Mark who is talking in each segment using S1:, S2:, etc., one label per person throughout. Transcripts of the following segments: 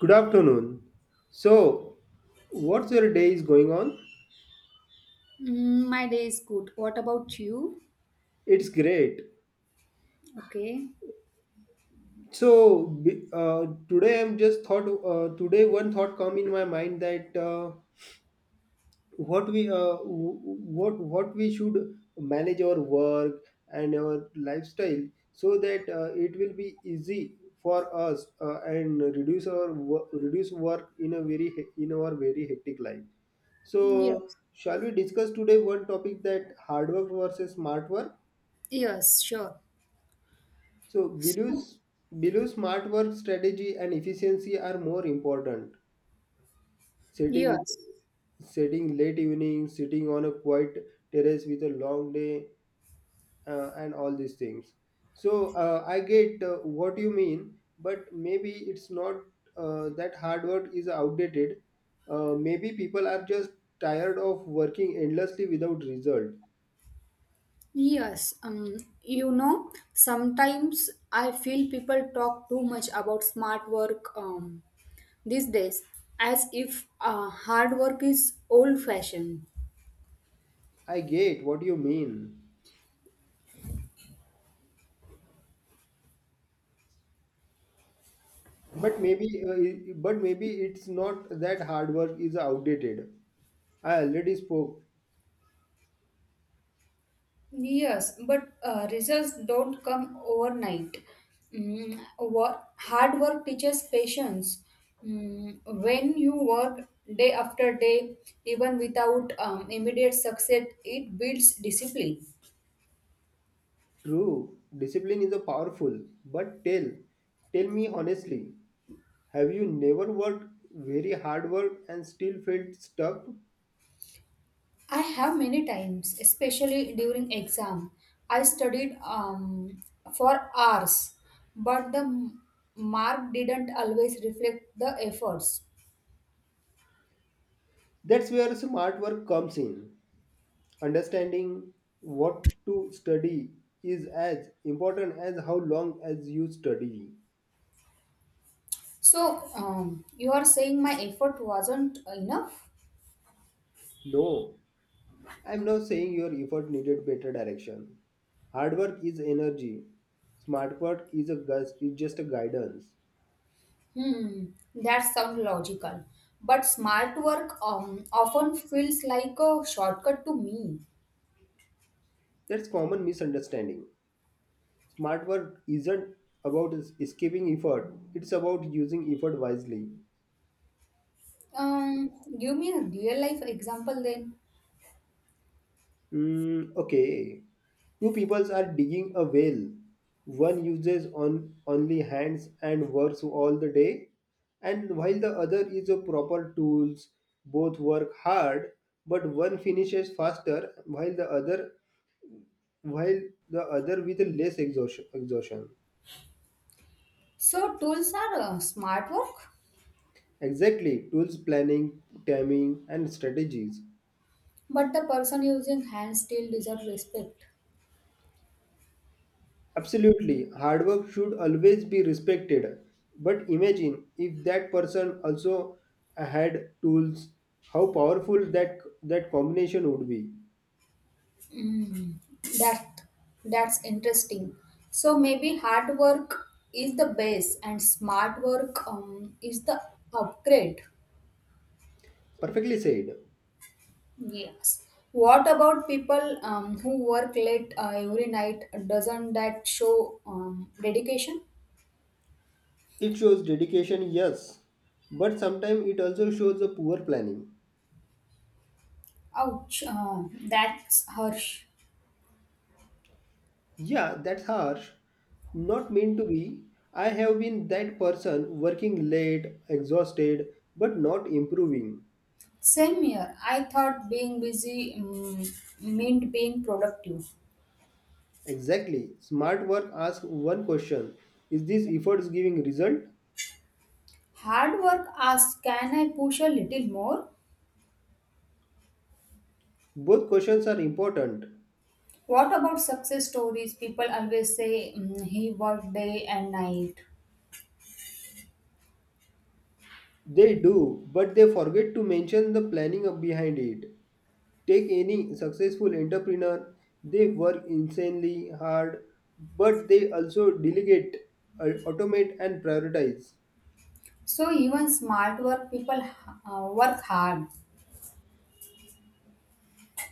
S1: Good afternoon. So, what's your day is going on?
S2: Mm, my day is good. What about you?
S1: It's great.
S2: Okay.
S1: So, today one thought come in my mind that what we should manage our work and our lifestyle so that it will be easy for us and reduce work in a in our very hectic life. So
S2: Yes.
S1: shall we discuss today one topic that hard work versus smart work?
S2: Yes, sure.
S1: So below
S2: So,
S1: below smart work strategy and efficiency are more important. setting
S2: yes.
S1: setting late evening, sitting on a quiet terrace with a long day and all these things. So I get what you mean, but maybe it's not that hard work is outdated. Maybe people are just tired of working endlessly without result.
S2: Yes. Sometimes I feel people talk too much about smart work these days as if hard work is old fashioned.
S1: I get what you mean, but but maybe it's not that hard work is outdated. I already spoke.
S2: Yes, but results don't come overnight. Mm, hard work teaches patience. Mm, when you work day after day, even without immediate success, it builds discipline.
S1: True, discipline is a powerful, but tell me honestly, have you never worked very hard work and still felt stuck?
S2: I have many times, especially during exam, I studied for hours, but mark didn't always reflect the efforts.
S1: That's where smart work comes in. Understanding what to study is as important as how long as you study.
S2: So you are saying my effort wasn't enough?
S1: No, I'm not saying your effort needed better direction. Hard work is energy. Smart work is is just a guidance.
S2: Hmm, that sounds logical. But smart work often feels like a shortcut to me.
S1: That's common misunderstanding. Smart work isn't escaping effort. It's about using effort wisely.
S2: Um, Give me a real life example then.
S1: Mm, okay. Two peoples are digging a well. One uses on only hands and works all the day, and while the other is a proper tools. Both work hard, but one finishes faster, while the other while with less exhaustion.
S2: So, tools are smart work,
S1: Exactly, tools planning, timing, and strategies.
S2: but the person using hands still deserves respect.
S1: Absolutely, hard work should always be respected. But imagine if that person also had tools, how powerful that combination would be.
S2: Hmm, that that's interesting. So maybe hard work is the base and smart work is the upgrade.
S1: Perfectly said.
S2: Yes. What about people who work late every night? Doesn't that show dedication?
S1: It shows dedication, yes, but sometimes it also shows a poor planning.
S2: Ouch, that's harsh.
S1: Yeah, that's harsh. Not meant to be. I have been that person working late, exhausted, but not improving.
S2: Same here. I thought being busy meant being productive.
S1: Exactly. Smart work asks one question: is this efforts giving result?
S2: Hard work asks, can I push a little more?
S1: Both questions are important.
S2: What about success stories? People always say mm, he worked day and night.
S1: They do, but they forget to mention the planning up behind it. Take any successful entrepreneur, they work insanely hard, but they also delegate, automate, and prioritize.
S2: So even smart work people work hard.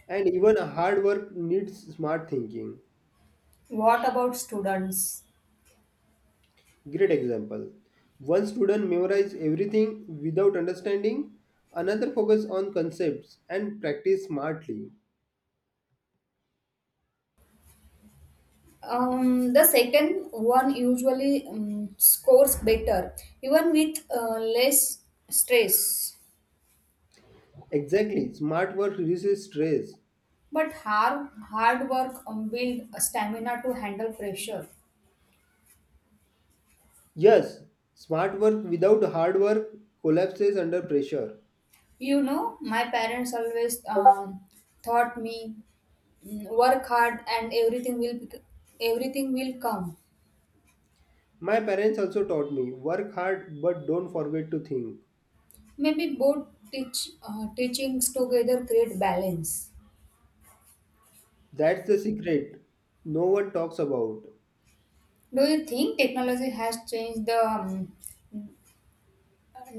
S1: And even hard work needs smart thinking.
S2: What about students?
S1: Great example. One student memorize everything without understanding, another focus on concepts and practice smartly.
S2: The second one usually scores better, even with less stress.
S1: Exactly, smart work reduces stress.
S2: But hard work build a stamina to handle pressure.
S1: Yes, smart work without hard work collapses under pressure.
S2: You know, my parents always taught me mm, work hard and everything everything will come.
S1: My parents also taught me work hard but don't forget to think.
S2: Maybe both teach teachings together create balance.
S1: That's the secret no one talks about.
S2: Do you think technology has changed the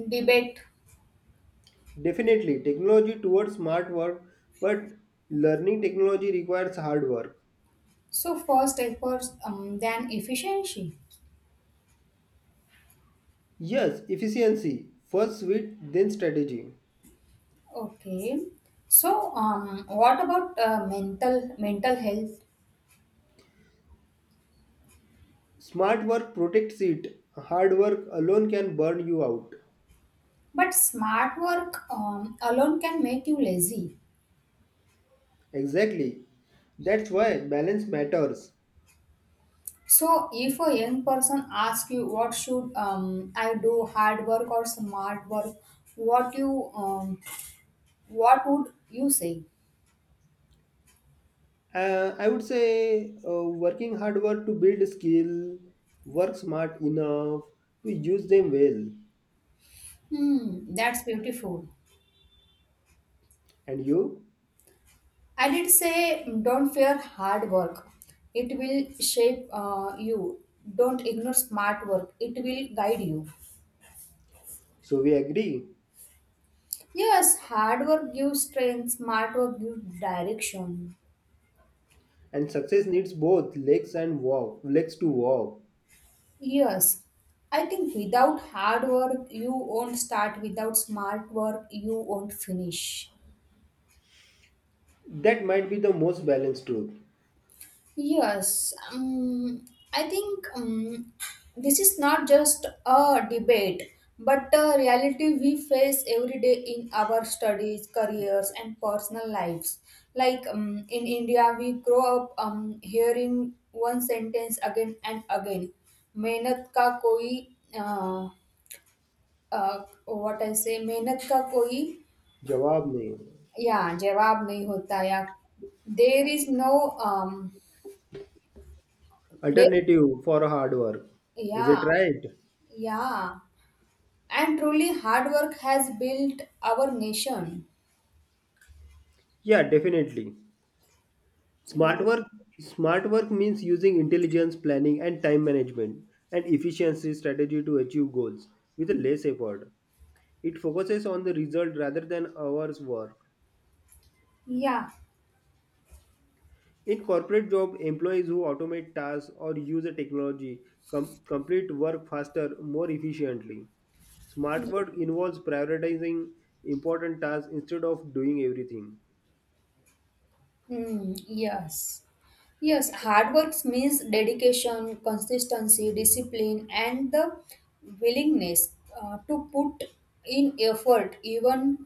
S2: debate?
S1: Definitely, technology towards smart work, but learning technology requires hard work.
S2: So first efforts, then efficiency.
S1: Yes, efficiency. First wit, then strategy.
S2: Okay. So what about mental health?
S1: Smart work protects it. Hard work alone can burn you out.
S2: But smart work alone can make you lazy.
S1: Exactly. That's why balance matters.
S2: So if a young person asks you what should I do, hard work or smart work, what you um, what would you say?
S1: I would say working hard work to build skill, work smart enough to use them well.
S2: Hmm, that's beautiful.
S1: And you?
S2: I did say don't fear hard work. It will shape you. Don't ignore smart work. It will guide you.
S1: So we agree.
S2: Yes, hard work gives strength, smart work gives direction.
S1: And success needs both legs and walk, legs to walk.
S2: Yes, I think without hard work, you won't start. Without smart work, you won't finish.
S1: That might be the most balanced truth.
S2: Yes, I think this is not just a debate, but a reality we face every day in our studies, careers, and personal lives. Like in India, we grow up hearing one sentence again and again. मेहनत का कोई, what I say, मेहनत का कोई,
S1: जवाब नहीं है।
S2: या जवाब नहीं होता, या there is no there
S1: Alternative for hard work. Is
S2: yeah.
S1: it right?
S2: Yeah, and truly hard work has built our nation.
S1: Yeah, definitely.
S2: Yeah,
S1: Smart work Smart work means using intelligence, planning and time management and efficiency strategy to achieve goals with less effort. It focuses on the result rather than hours worked.
S2: yeah.
S1: In corporate job, employees who automate tasks or use a technology complete work faster, more efficiently. Smart work involves prioritizing important tasks instead of doing everything.
S2: Hmm, yes, yes. Hard work means dedication, consistency, discipline, and the willingness to put in effort, even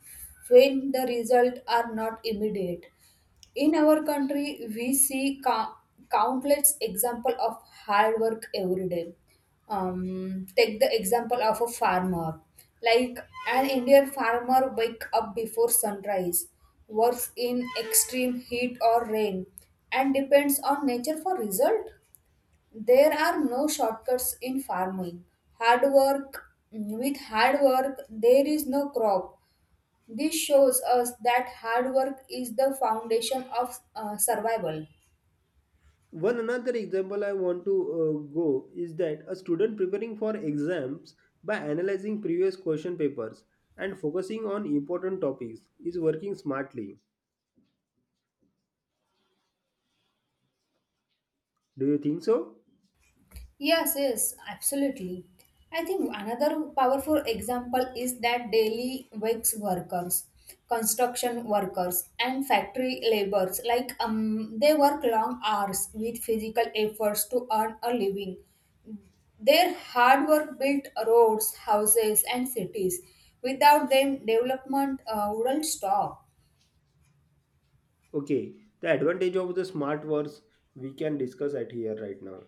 S2: when the results are not immediate. In our country we see countless example of hard work every day. Take the example of a farmer, like an indian farmer. Wake up before sunrise, works in extreme heat or rain, and depends on nature for result. There are no shortcuts in farming. Hard work with hard work there is no crop. This shows us that hard work is the foundation of survival.
S1: One another example I want to go is that a student preparing for exams by analyzing previous question papers and focusing on important topics is working smartly. Do you think so?
S2: Yes, yes, absolutely. I think another powerful example is that daily wage workers, construction workers, and factory laborers, like they work long hours with physical efforts to earn a living. Their hard work built roads, houses, and cities. Without them, development wouldn't stop.
S1: Okay, the advantage of the smart words we can discuss at here right now.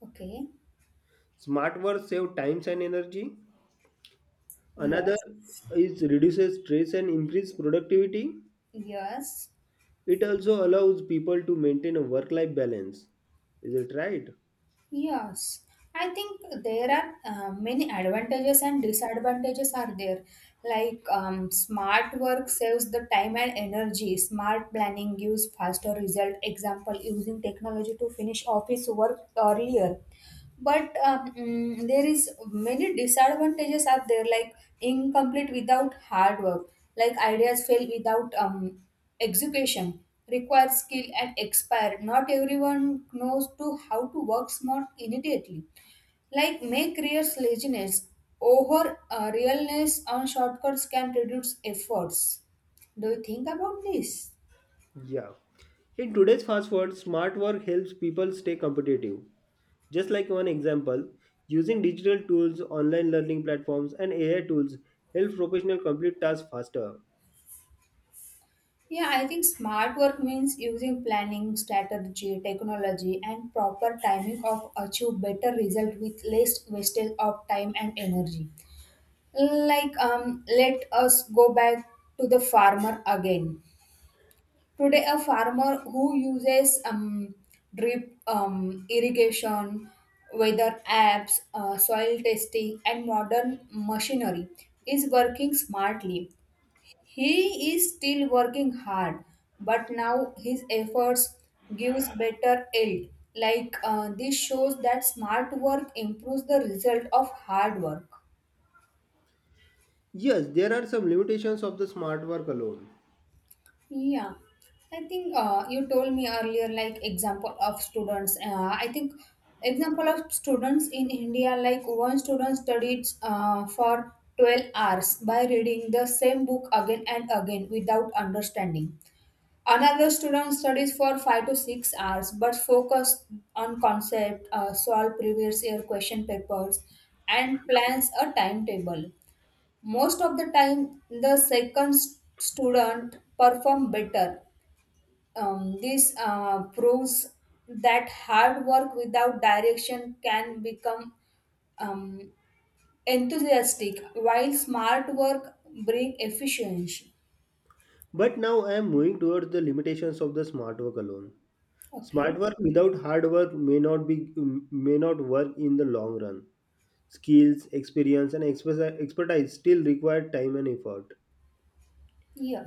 S2: Okay.
S1: Smart words save time and energy. Another
S2: Yes.
S1: is reduces stress and increase productivity.
S2: Yes,
S1: It also allows people to maintain a work life balance. Is it right?
S2: yes. I think there are many advantages and disadvantages are there. Like smart work saves the time and energy. Smart planning gives faster result. Example, using technology to finish office work earlier. But there is many disadvantages are there, like incomplete without hard work, like ideas fail without execution, require skill and expire. Not everyone knows to how to work smart immediately, like may creates laziness. Over realness on shortcuts can reduce efforts. Do you think about this?
S1: Yeah. In today's fast world, smart work helps people stay competitive. Just like one example, using digital tools, online learning platforms, and AI tools help professionals complete tasks faster.
S2: Yeah, I think smart work means using planning, strategy, technology, and proper timing of achieve better result with less wastage of time and energy. Like let us go back to the farmer again. Today, a farmer who uses drip irrigation, weather apps, soil testing, and modern machinery is working smartly. He is still working hard, but now his efforts gives better yield. Like this shows that smart work improves the result of hard work.
S1: Yes, there are some limitations of the smart work alone.
S2: Yeah, I think you told me earlier, like example of students. I think example of students in India, like one student studied for 12 hours by reading the same book again and again without understanding. Another student studies for 5 to 6 hours but focus on concept, solve previous year question papers, and plans a timetable. Most of the time, the student perform better. This proves that hard work without direction can become um, enthusiastic, while smart work bring efficiency.
S1: But now I am moving towards the limitations of the smart work alone.
S2: Okay.
S1: Smart work without hard work may not work in the long run. Skills, experience, and expertise still require time and effort.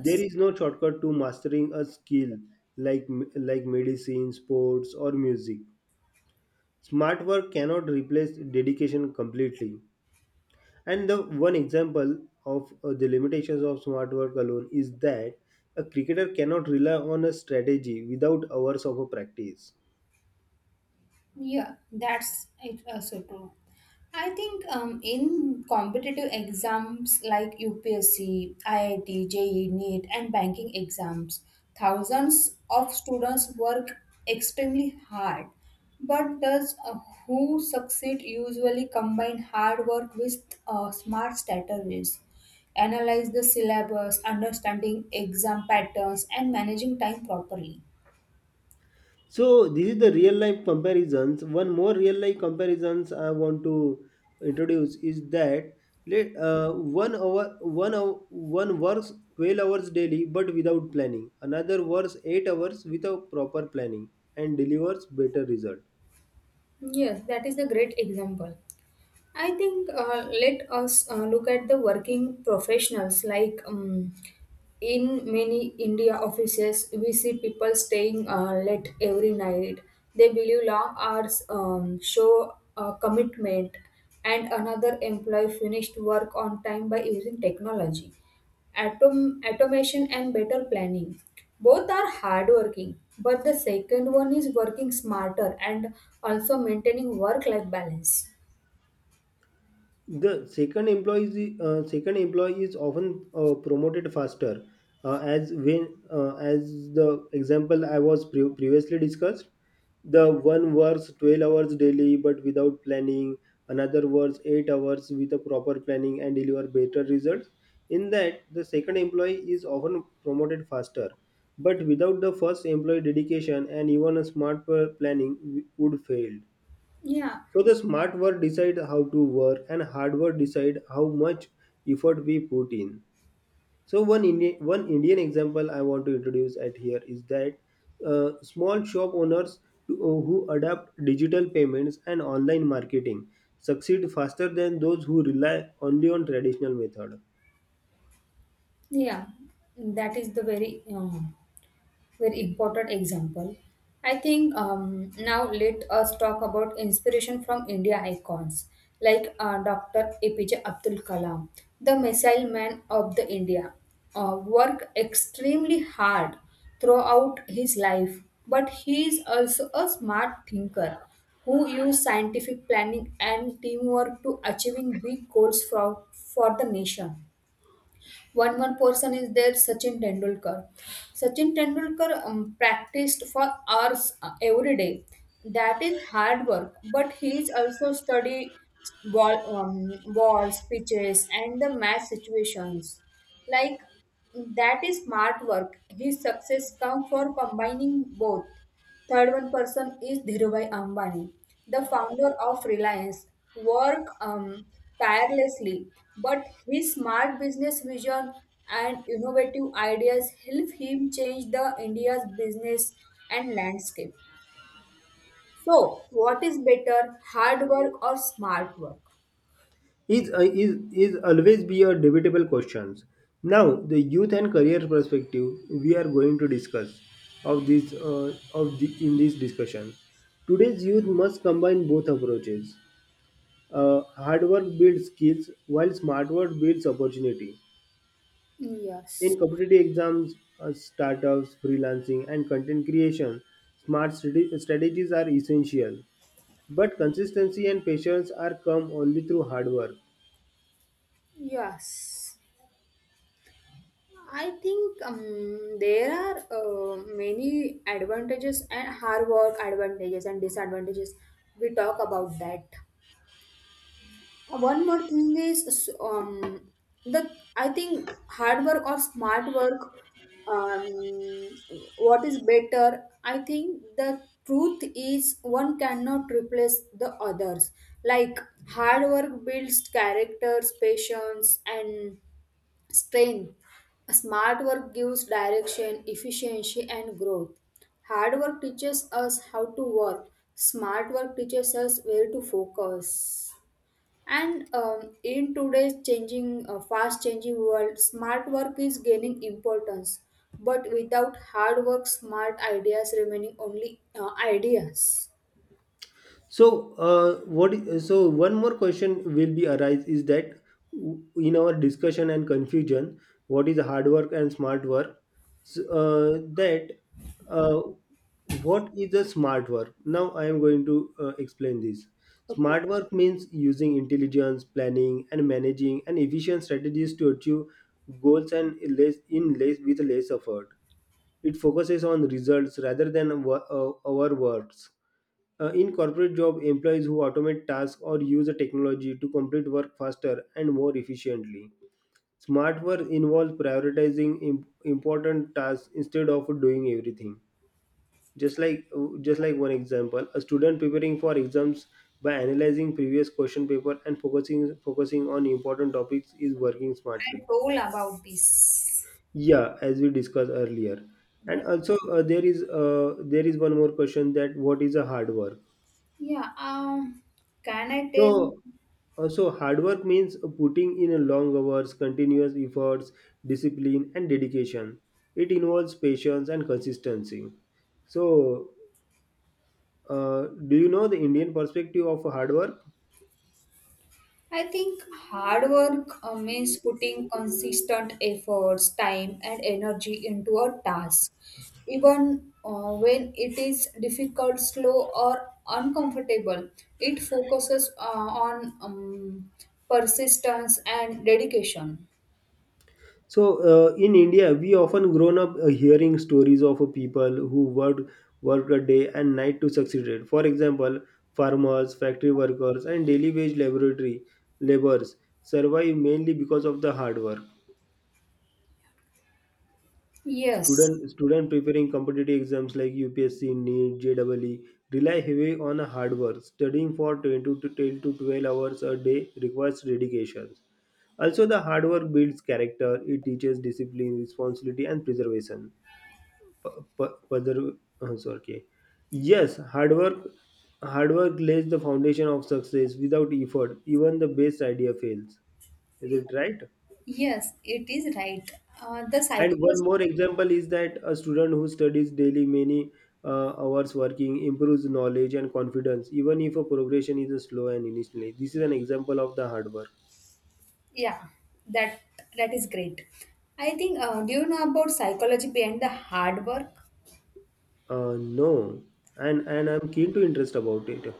S1: There is no shortcut to mastering a skill like like medicine, sports, or music. Smart work cannot replace dedication completely. And the one example of the limitations of smart work alone is that a cricketer cannot rely on a strategy without hours of a practice.
S2: Yeah, that's it also true. I think in competitive exams like UPSC, IIT, JEE, NEET, and banking exams, thousands of students work extremely hard. But does who succeed usually combine hard work with smart strategies? Analyze the syllabus, understanding exam patterns, and managing time properly.
S1: So this is the real life comparisons. One more real life comparisons I want to introduce is that let one hour one hour, one works 12 hours daily but without planning. Another works 8 hours without proper planning and delivers better result.
S2: Yes, that is a great example. I think let us look at the working professionals. Like in many India offices, we see people staying late every night. They believe long hours show commitment, and another employee finished work on time by using technology, automation, and better planning. Both are hardworking, but the second one is working smarter and also maintaining work-life balance.
S1: The second employee is often promoted faster, as the example I was previously discussed. The one works 12 hours daily but without planning. Another works 8 hours with a proper planning and deliver better results. In that, the second employee is often promoted faster, but without the first employee dedication and even a planning would fail.
S2: Yeah.
S1: So the smart work decide how to work and hard work decide how much effort we put in. So one Indian example I want to introduce at here is that small shop owners who adapt digital payments and online marketing succeed faster than those who rely only on traditional method.
S2: Yeah, that is the very important example. I think now let us talk about inspiration from India icons like Dr. APJ Abdul Kalam, the missile man of the India, work extremely hard throughout his life, but he is also a smart thinker who used scientific planning and teamwork to achieving big goals for the nation. One more person is there, Sachin Tendulkar. Sachin Tendulkar practiced for hours every day. That is hard work, but he is also study ball um, balls, pitches and the match situations. Like, that is smart work. His success come for combining both. Third one person is Dhirubhai Ambani, the founder of Reliance, work tirelessly, but his smart business vision and innovative ideas help him change the India's business and landscape. So, what is better, hard work or smart work?
S1: Is always be a debatable questions. Now, the youth and career perspective we are going to discuss of this in this discussion. Today's youth must combine both approaches. Hard work builds skills, while smart work builds opportunity. In
S2: Yes,
S1: competitive exams, startups, freelancing, and content creation, strategies are essential. But consistency and patience are come only through hard work.
S2: yes. I think there are many advantages and hard work advantages and disadvantages. We talk about that. One more thing is the I think hard work or smart work. Um, what is better? I think the truth is one cannot replace the others. Like hard work builds characters, patience, and Spain. Smart work gives direction, efficiency, and growth. Hard work teaches us how to work. Smart work teaches us where to focus. And in today's fast changing world, smart work is gaining importance. But without hard work, smart ideas remaining only ideas.
S1: So, So, one more question will be arise is that w- in our discussion and confusion, what is hard work and smart work? So, that uh, what is the smart work? Now, I am going to explain this.
S2: Okay,
S1: Smart work means using intelligence, planning, and managing and efficient strategies to achieve goals and less in less with less effort. It focuses on results rather than our words in corporate job, employees who automate tasks or use the technology to complete work faster and more efficiently. Smart work involves prioritizing important tasks instead of doing everything. Just like just like one example, a student preparing for exams by analyzing previous question paper and focusing on important topics is working
S2: I
S1: smartly.
S2: told about this.
S1: Yeah, as we discussed earlier. And
S2: Yeah.
S1: also there is one more question: that what is a hard work?
S2: Yeah. Can I tell?
S1: So, so hard work means putting in a long hours, continuous efforts, discipline, and dedication. It involves patience and consistency. So, do you know the Indian perspective of hard work?
S2: I think hard work means putting consistent efforts, time, and energy into a task, even when it is difficult, slow, or uncomfortable. It focuses on persistence and dedication.
S1: So, in India, we often grown up hearing stories of people who worked a day and night to succeed. For example, farmers, factory workers, and daily wage laboratory laborers survive mainly because of the hard work.
S2: Yes,
S1: Student preparing competitive exams like UPSC, NEET, JEE rely heavily on hard work. Studying for 20 to 10 to 12 hours a day requires dedication. Also, the hard work builds character. It teaches discipline, responsibility, and preservation. P- Sorry. Okay. Yes, hard work lays the foundation of success. Without effort, even the best idea fails. Is it right?
S2: yes, it is right. The
S1: And one
S2: psychology,
S1: more example is that a student who studies daily many hours working improves knowledge and confidence, even if a progression is slow and initially. This is an example of the hard work.
S2: yeah, that that is great. I think. Do you know about psychology behind the hard work?
S1: No, and I'm keen to interest about it.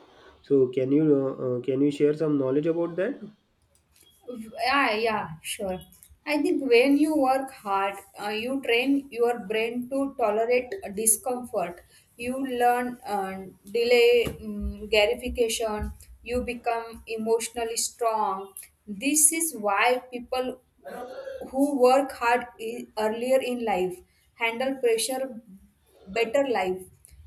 S1: So can you share some knowledge about that?
S2: Yeah, yeah, sure. I think when you work hard, you train your brain to tolerate discomfort. You learn delay gratification. You become emotionally strong. This is why people who work hard earlier in life handle pressure better life.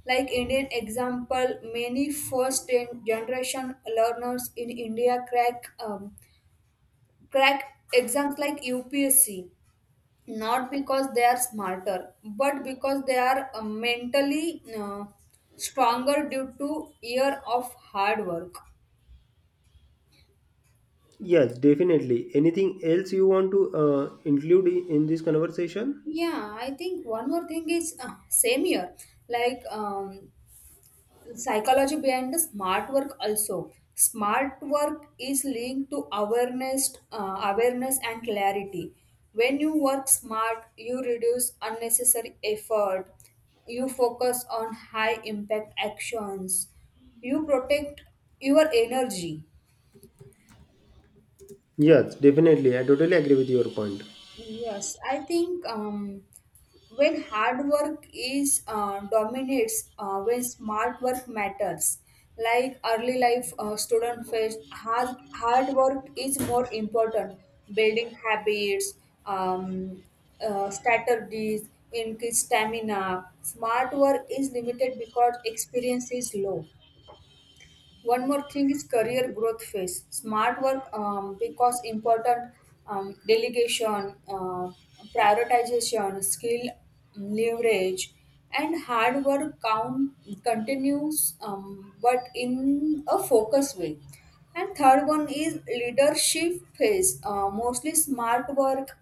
S2: Like Indian example, many first generation learners in India crack exams like UPSC not because they are smarter but because they are mentally stronger due to year of hard work.
S1: Yes, definitely. Anything else you want to include in this conversation?
S2: Yeah, I think one more thing is same year, like psychology behind the smart work also. Smart work is linked to awareness and clarity. When you work smart you reduce unnecessary effort, you focus on high impact actions, you protect your energy.
S1: Yes, definitely. I totally agree with your point.
S2: Yes, I think when hard work is dominates, when smart work matters. Like early life student face hard work is more important. Building habits, um, strategies, increase stamina. Smart work is limited because experience is low. One more thing is career growth phase. Smart work because important delegation, prioritization, skill leverage, and hard work count continues, but in a focused way. And third one is leadership phase. Mostly smart work,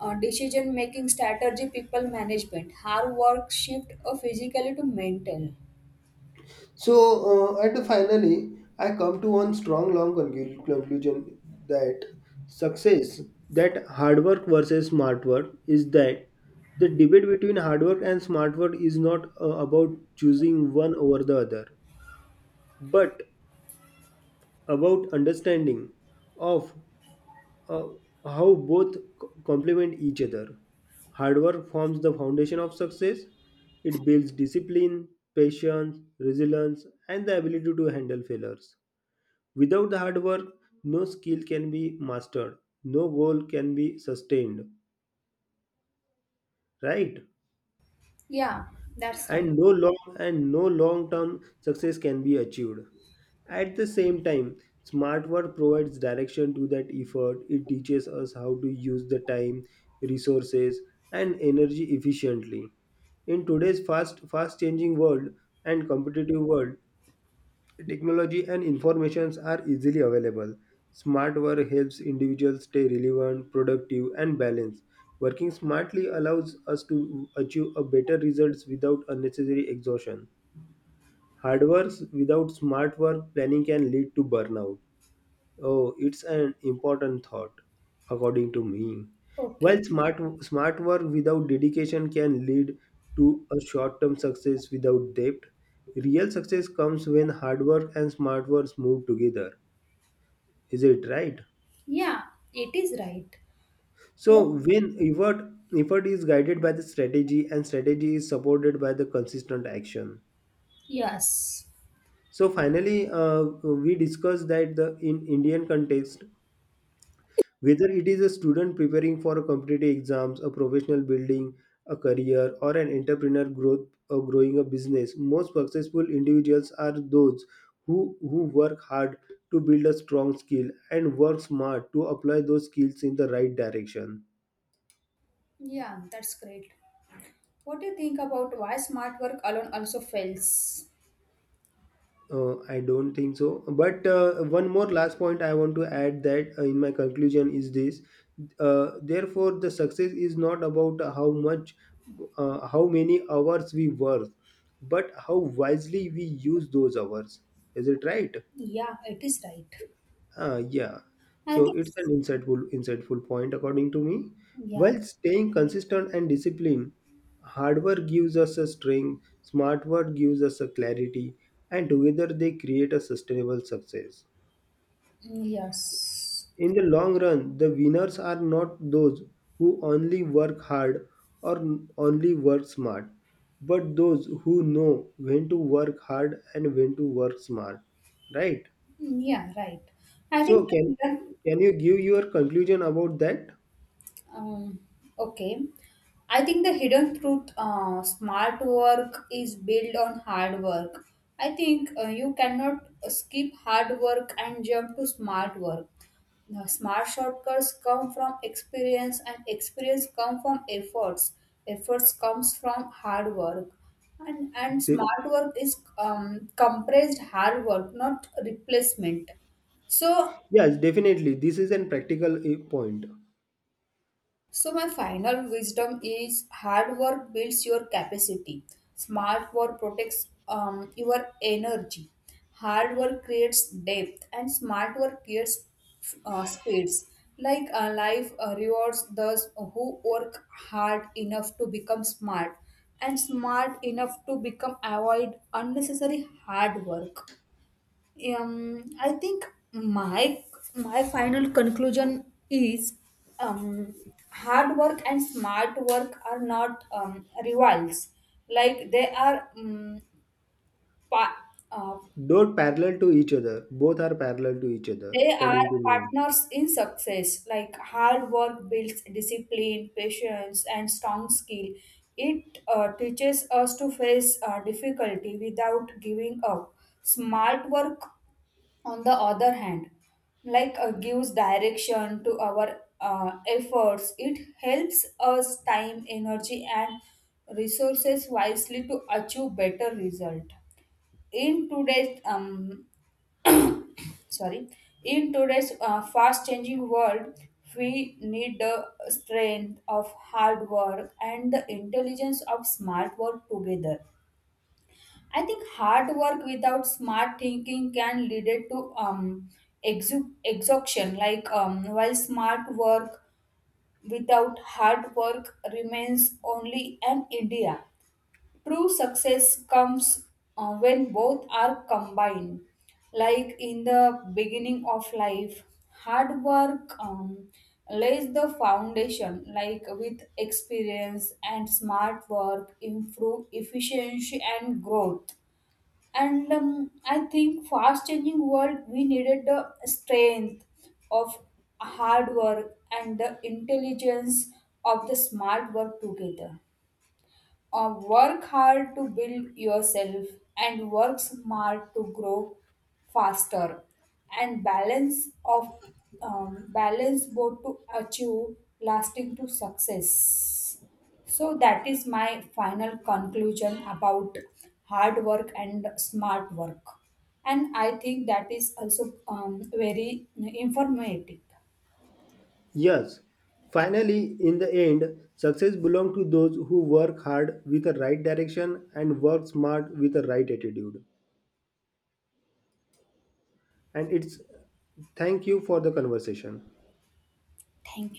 S2: decision making strategy, people management. Hard work shift physically to mental.
S1: So at the finally, I come to one strong long conclusion that success, that hard work versus smart work, is that the debate between hard work and smart work is not about choosing one over the other, but about understanding of uh, how complement each other. Hard work forms the foundation of success. It builds discipline, patience, resilience, and the ability to handle failures. Without the hard work, no skill can be mastered, no goal can be sustained, right?
S2: Yeah, that's
S1: And
S2: right.
S1: no long and no long-term success can be achieved. At the same time, smart work provides direction to that effort. It teaches us how to use the time, resources, and energy efficiently. In today's fast changing world and competitive world, technology and informations are easily available. Smart work helps individuals stay relevant, productive, and balanced. Working smartly allows us to achieve a better results without unnecessary exhaustion. Hard work without smart work planning can lead to burnout. Oh, it's an important thought, according to me.
S2: Okay.
S1: While smart work without dedication can lead to a short-term success without depth, real success comes when hard work and smart work move together. Is it right?
S2: Yeah, it is right.
S1: So when effort is guided by the strategy and strategy is supported by the consistent action.
S2: Yes.
S1: So finally, we discussed that the in Indian context, whether it is a student preparing for a competitive exams, a professional building a career, or an entrepreneur growth or growing a business, most successful individuals are those who work hard to build a strong skill and work smart to apply those skills in the right direction.
S2: Yeah, that's great. What do you think about why smart work alone also fails?
S1: I don't think so. But one more last point I want to add that in my conclusion is this. Therefore, the success is not about how many hours we work, but how wisely we use those hours. Is it right?
S2: Yeah, it is right.
S1: Yeah.
S2: I
S1: So
S2: think
S1: it's an insightful point according to me.
S2: yeah.
S1: While staying consistent and disciplined, hard work gives us a strength, smart work gives us a clarity, and together they create a sustainable success.
S2: Mm, yes.
S1: In the long run, the winners are not those who only work hard or only work smart, but those who know when to work hard and when to work smart. Right?
S2: Mm, yeah, right. I
S1: So
S2: think that.
S1: can you give your conclusion about that?
S2: Um, okay. I think the hidden truth, smart work is built on hard work. I think you cannot skip hard work and jump to smart work. The smart shortcuts come from experience and experience come from efforts. Efforts comes from hard work. And
S1: De-
S2: smart work is compressed hard work, not replacement. So,
S1: yes, definitely. This is an practical point.
S2: so, my final wisdom is hard work builds your capacity, smart work protects your energy, hard work creates depth, and smart work creates speeds. Like life rewards those who work hard enough to become smart and smart enough to become avoid unnecessary hard work. Um i think my my final conclusion is um hard work and smart work are not rivals. Like they are pa- uh,
S1: Don't parallel to each other. Both are parallel to each other,
S2: they are
S1: according to me.
S2: partners in success. Like hard work builds discipline, patience and strong skill. It teaches us to face difficulty without giving up. Smart work, on the other hand, like gives direction to our efforts. It helps us time, energy and resources wisely to achieve better result. In today's sorry in today's fast changing world, we need the strength of hard work and the intelligence of smart work together. I think hard work without smart thinking can lead it to exhaustion. Like while smart work without hard work remains only an idea. True success comes when both are combined. Like in the beginning of life, hard work lays the foundation. Like with experience and smart work, improve efficiency and growth. And I think fast changing world we needed the strength of hard work and the intelligence of the smart work together. Work hard to build yourself and work smart to grow faster, and balance of balance both to achieve lasting to success. So that is my final conclusion about hard work and smart work, and I think that is also very informative.
S1: Yes. Finally, in the end, success belongs to those who work hard with the right direction and work smart with the right attitude. And it's Thank you for the conversation.
S2: Thank you.